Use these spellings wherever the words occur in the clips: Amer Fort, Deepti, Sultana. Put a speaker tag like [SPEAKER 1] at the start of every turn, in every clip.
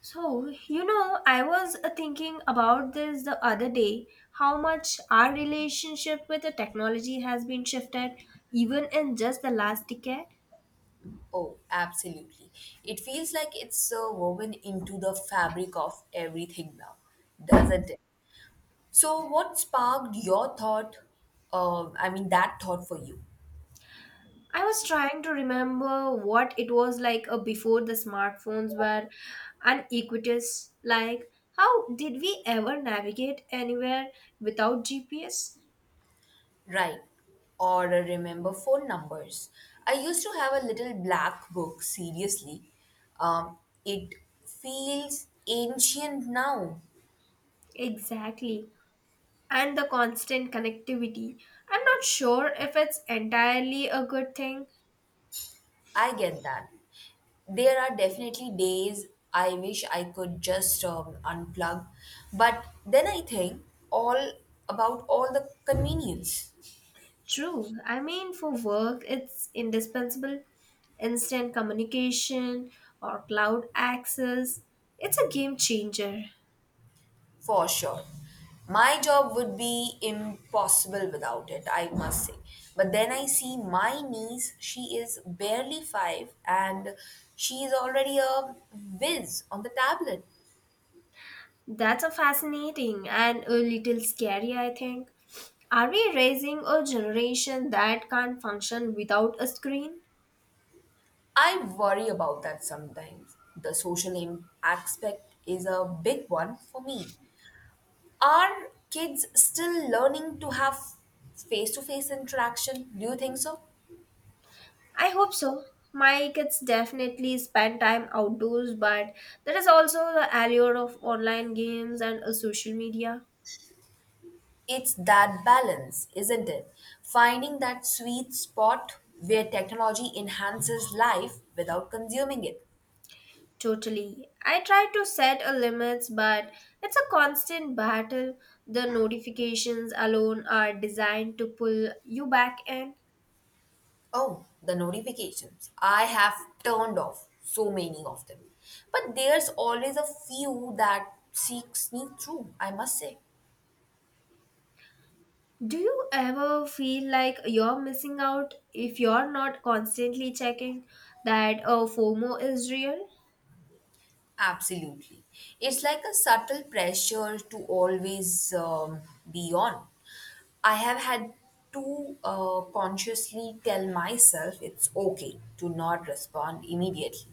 [SPEAKER 1] So, you know, I was Thinking about this the other day, how much our relationship with the technology has been shifted even in just the last decade.
[SPEAKER 2] Oh, absolutely. It feels like it's woven into the fabric of everything now, doesn't it? So, what sparked your thought? I mean, that thought for you,
[SPEAKER 1] I was trying to remember what it was like before the smartphones were unequitous. Like, how did we ever navigate anywhere without GPS?
[SPEAKER 2] right? Or remember phone numbers. I used to have a little black book, seriously. Um, it feels ancient now.
[SPEAKER 1] Exactly. And the constant connectivity. I'm not sure if it's entirely a good thing.
[SPEAKER 2] I get that. There are definitely days I wish I could just unplug, but then I think all about all the convenience
[SPEAKER 1] True. I mean, for work, it's indispensable. Instant communication or cloud access. It's a game changer.
[SPEAKER 2] for sure. My job would be impossible without it, I must say. But then I see my niece, she is barely five and she is already a whiz on the tablet.
[SPEAKER 1] That's a fascinating and a little scary, I think. Are we raising a generation that can't function without a screen?
[SPEAKER 2] I worry about that sometimes. The aspect is a big one for me. Are kids still learning to have face to face interaction? Do you think so?
[SPEAKER 1] I hope so. My kids definitely spend time outdoors, but there is also the allure of online games and social media.
[SPEAKER 2] It's that balance, isn't it? Finding that sweet spot where technology enhances life without consuming it.
[SPEAKER 1] Totally. I try to set a limits, but it's a constant battle. The notifications alone are designed to pull you back in.
[SPEAKER 2] Oh, the notifications. I have turned off so many of them. But there's always a few that seek sneak through, I must say.
[SPEAKER 1] Do you ever feel like you're missing out if you're not constantly checking that FOMO is real?
[SPEAKER 2] Absolutely. It's like a subtle pressure to always be on. I have had to consciously tell myself it's okay to not respond immediately.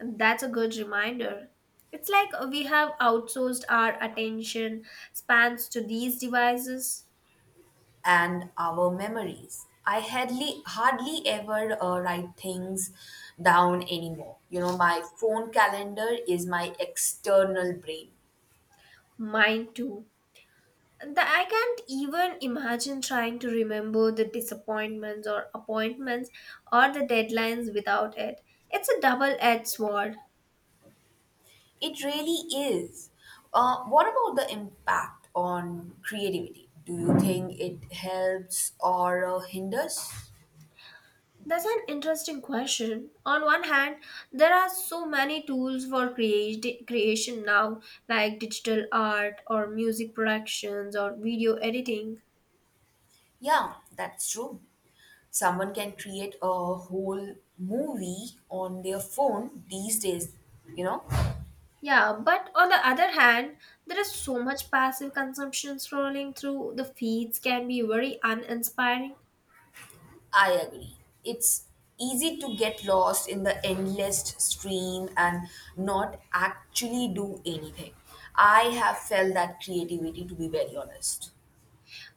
[SPEAKER 1] That's a good reminder. It's like we have outsourced our attention spans to these devices.
[SPEAKER 2] And our memories. I hardly ever write things down anymore. You know, my phone calendar is my external brain.
[SPEAKER 1] Mine too. I can't even imagine trying to remember the disappointments or appointments or the deadlines without it. It's a double edged sword.
[SPEAKER 2] It really is. What about the impact on creativity? Do you think it helps or hinders?
[SPEAKER 1] That's an interesting question. On one hand, there are so many tools for creation now, like digital art or music productions or video editing.
[SPEAKER 2] Yeah, that's true. Someone can create a whole movie on their phone these days, you know?
[SPEAKER 1] Yeah, but on the other hand, there is so much passive consumption scrolling through the feeds can be very uninspiring.
[SPEAKER 2] I agree. It's easy to get lost in the endless stream and not actually do anything. I have felt that creativity, to be very honest.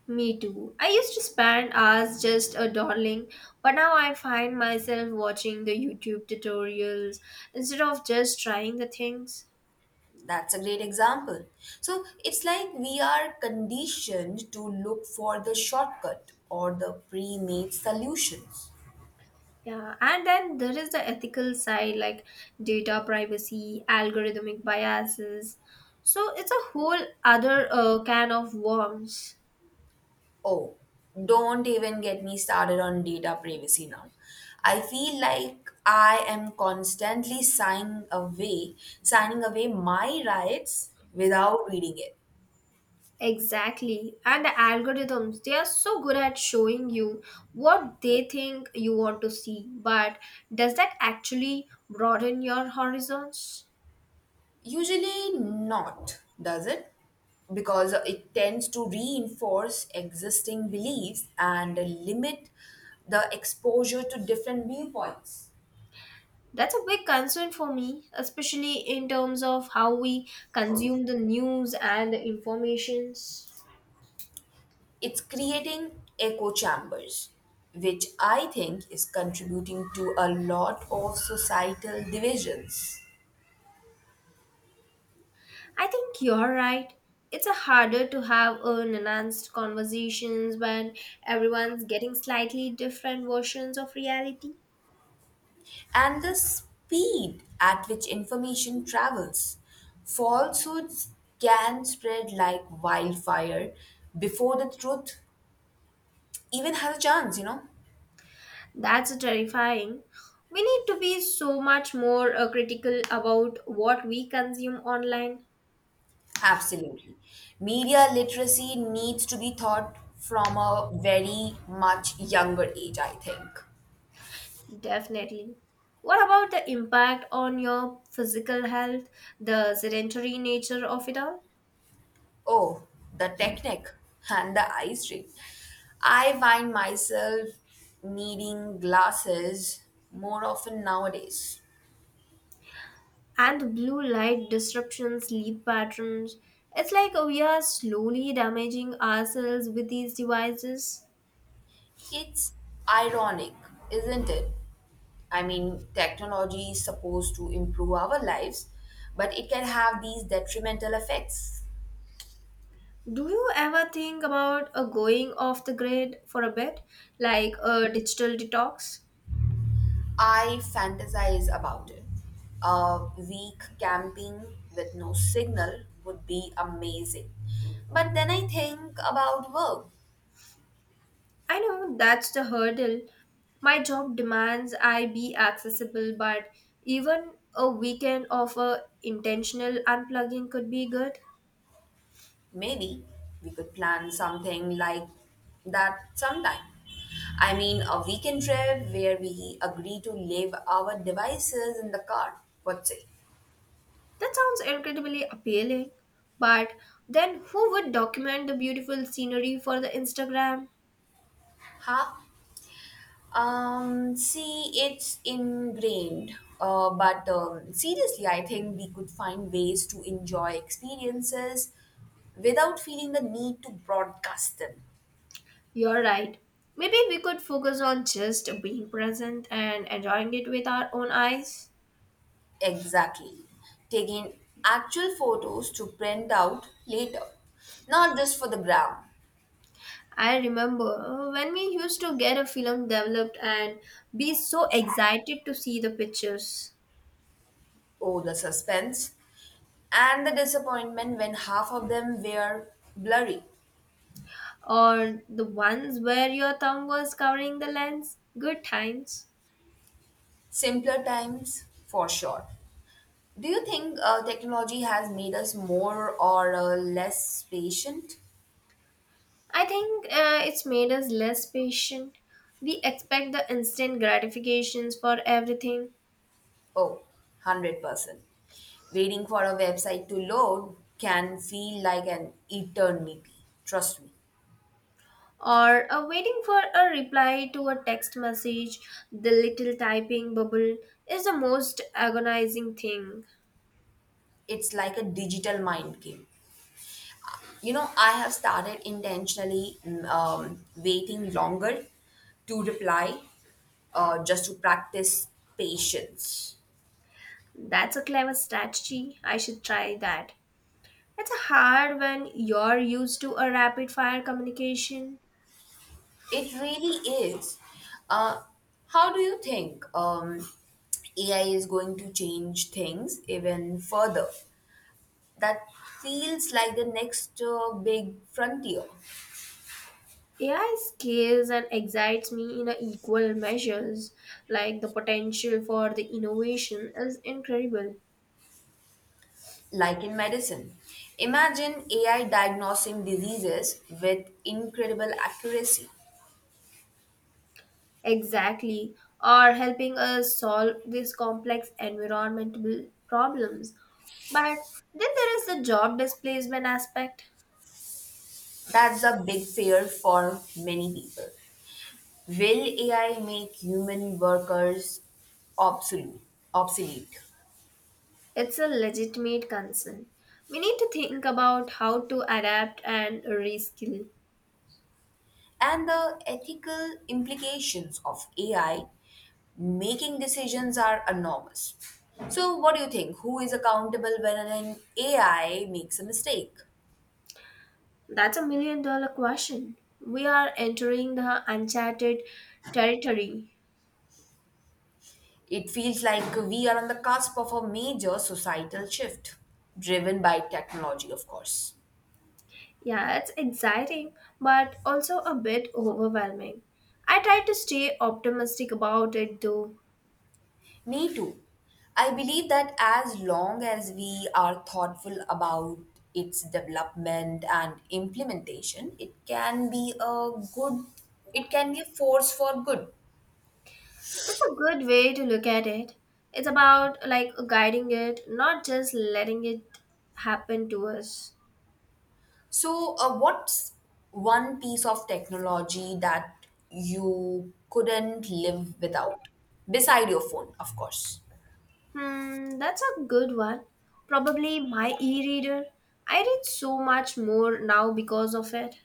[SPEAKER 1] Me too. I used to spend hours just a dawdling, but now I find myself watching the YouTube tutorials instead of just trying the things.
[SPEAKER 2] That's a great example. So it's like we are conditioned to look for the shortcut or the pre made solutions.
[SPEAKER 1] Yeah, and then there is the ethical side like data privacy, algorithmic biases. So it's a whole other can of worms.
[SPEAKER 2] Oh, don't even get me started on data privacy now. I feel like I am constantly signing away my rights without reading it.
[SPEAKER 1] Exactly. And the algorithms, they are so good at showing you what they think you want to see. But does that actually broaden your horizons?
[SPEAKER 2] Usually not, does it? Because it tends to reinforce existing beliefs and limit the exposure to different viewpoints.
[SPEAKER 1] That's a big concern for me, especially in terms of how we consume the news and the informations.
[SPEAKER 2] It's creating echo chambers, which I think is contributing to a lot of societal divisions.
[SPEAKER 1] I think you're right. It's a harder to have an enhanced conversations when everyone's getting slightly different versions of reality.
[SPEAKER 2] And the speed at which information travels. Falsehoods can spread like wildfire before the truth even has a chance, you know?
[SPEAKER 1] That's terrifying. We need to be so much more critical about what we consume online.
[SPEAKER 2] Absolutely. Media literacy needs to be taught from a very much younger age, I think.
[SPEAKER 1] Definitely. What about the impact on your physical health, the sedentary nature of it all,
[SPEAKER 2] Oh, the technique and the ice ring. I find myself needing glasses more often nowadays.
[SPEAKER 1] and the blue light disruptions, sleep patterns? It's like we are slowly damaging ourselves with these devices.
[SPEAKER 2] It's ironic, isn't it? I mean, technology is supposed to improve our lives, but it can have these detrimental effects.
[SPEAKER 1] Do you ever think about going off the grid for a bit, like a digital detox?
[SPEAKER 2] I fantasize about it. A week camping with no signal would be amazing. But then I think about work.
[SPEAKER 1] I know that's the hurdle. My job demands I be accessible, but even a weekend of a intentional unplugging could be good.
[SPEAKER 2] Maybe we could plan something like that sometime. I mean, a weekend trip where we agree to leave our devices in the car. What's it?
[SPEAKER 1] That sounds incredibly appealing. But then who would document the beautiful scenery for the Instagram?
[SPEAKER 2] Huh? See, it's ingrained. But seriously, I think we could find ways to enjoy experiences without feeling the need to broadcast them.
[SPEAKER 1] You're right. Maybe we could focus on just being present and enjoying it with our own eyes.
[SPEAKER 2] Exactly. Taking actual photos to print out later, not just for the gram.
[SPEAKER 1] I remember when we used to get a film developed and be so excited to see the pictures.
[SPEAKER 2] Oh, the suspense and the disappointment when half of them were blurry.
[SPEAKER 1] Or the ones where your thumb was covering the lens. Good times.
[SPEAKER 2] Simpler times, for sure. Do you think technology has made us more or less patient?
[SPEAKER 1] I think it's made us less patient. We expect the instant gratifications for everything,
[SPEAKER 2] Oh, 100%. Waiting for a website to load can feel like an eternity. Trust me.
[SPEAKER 1] or waiting for a reply to a text message. The little typing bubble is the most agonizing thing.
[SPEAKER 2] It's like a digital mind game. You know, I have started intentionally waiting longer to reply just to practice patience.
[SPEAKER 1] That's a clever strategy. I should try that. It's hard when you're used to a rapid fire communication.
[SPEAKER 2] It really is. Uh, how do you think AI is going to change things even further? That feels like the next big frontier,
[SPEAKER 1] AI scares and excites me in a equal measures. Like the potential for the innovation is incredible.
[SPEAKER 2] like in medicine. Imagine AI diagnosing diseases with incredible accuracy.
[SPEAKER 1] Exactly, or helping us solve these complex environmental problems. But then there is the job displacement aspect.
[SPEAKER 2] That's a big fear for many people. Will AI make human workers obsolete? obsolete?
[SPEAKER 1] It's a legitimate concern. We need to think about how to adapt and reskill.
[SPEAKER 2] And the ethical implications of AI making decisions are enormous. So, what do you think? Who is accountable when an AI makes a mistake?
[SPEAKER 1] That's a million dollar question. We are entering the uncharted territory.
[SPEAKER 2] It feels like we are on the cusp of a major societal shift, driven by technology, of course.
[SPEAKER 1] Yeah, it's exciting, but also a bit overwhelming. I try to stay optimistic about it though.
[SPEAKER 2] Me too. I believe that as long as we are thoughtful about its development and implementation, it can be a force for good.
[SPEAKER 1] That's a good way to look at it. It's about like guiding it, not just letting it happen to us.
[SPEAKER 2] So, what's one piece of technology that you couldn't live without? Beside your phone, of course.
[SPEAKER 1] Hmm, that's a good one. Probably my e reader. I read so much more now because of it.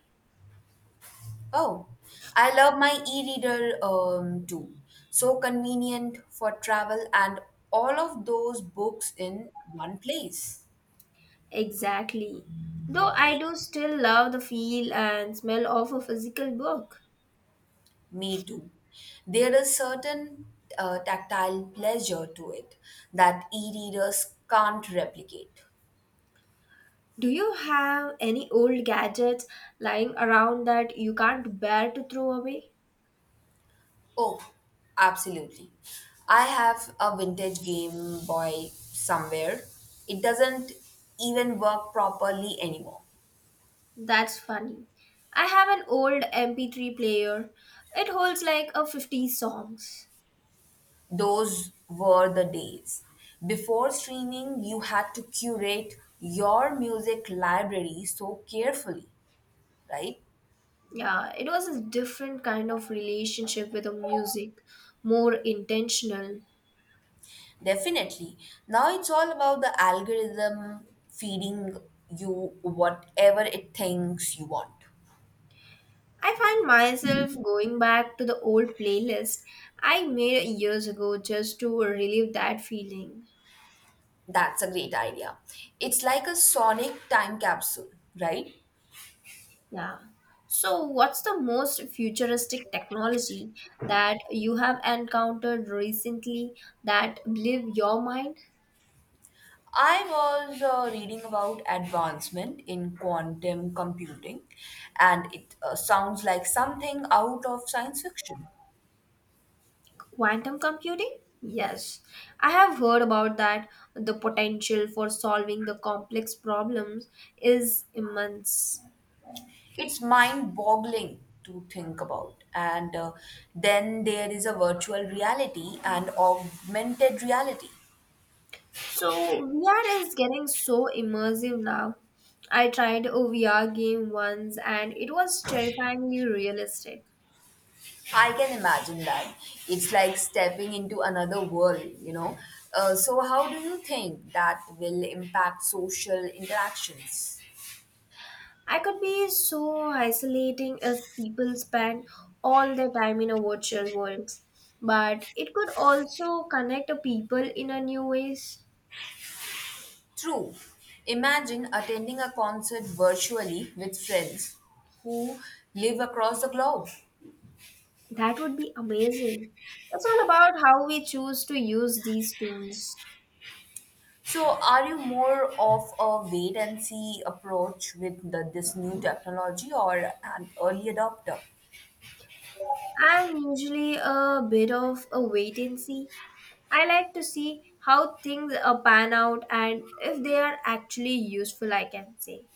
[SPEAKER 2] Oh, I love my e-reader too. So convenient for travel and all of those books in one place.
[SPEAKER 1] Exactly. Though I do still love the feel and smell of a physical book.
[SPEAKER 2] Me too. There is certain tactile pleasure to it that e-readers can't replicate.
[SPEAKER 1] Do you have any old gadgets lying around that you can't bear to throw away?
[SPEAKER 2] Oh, absolutely. I have a vintage Game Boy somewhere. It doesn't even work properly anymore.
[SPEAKER 1] That's funny. I have an old MP3 player. It holds like a 50 songs.
[SPEAKER 2] Those were the days. Before streaming, you had to curate your music library so carefully, right?
[SPEAKER 1] Yeah, it was a different kind of relationship with the music, more intentional.
[SPEAKER 2] Definitely. Now it's all about the algorithm feeding you whatever it thinks you want.
[SPEAKER 1] I find myself going back to the old playlist I made years ago just to relieve that feeling.
[SPEAKER 2] That's a great idea. It's like a sonic time capsule, right?
[SPEAKER 1] Yeah. So, what's the most futuristic technology that you have encountered recently that blew your mind?
[SPEAKER 2] I was reading about advancement in quantum computing, and it sounds like something out of science fiction.
[SPEAKER 1] Quantum computing? Yes. I have heard about that. The potential for solving the complex problems is immense.
[SPEAKER 2] It's mind-boggling to think about. And then there is a virtual reality and augmented reality.
[SPEAKER 1] So, VR is getting so immersive now. I tried a VR game once and it was terrifyingly realistic.
[SPEAKER 2] I can imagine that. It's like stepping into another world, you know. So, how do you think that will impact social interactions?
[SPEAKER 1] I could be so isolating if people spend all their time in a virtual world, but it could also connect a people in a new ways.
[SPEAKER 2] True. Imagine attending a concert virtually with friends who live across the globe.
[SPEAKER 1] That would be amazing. It's all about how we choose to use these tools.
[SPEAKER 2] So, are you more of a wait and see approach with this new technology or an early adopter?
[SPEAKER 1] I'm usually a bit of a wait and see. I like to see how things pan out and if they are actually useful, I can say.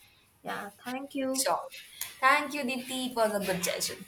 [SPEAKER 1] Yeah, thank you.
[SPEAKER 2] Sure. Thank you, Deepti. It was a good session.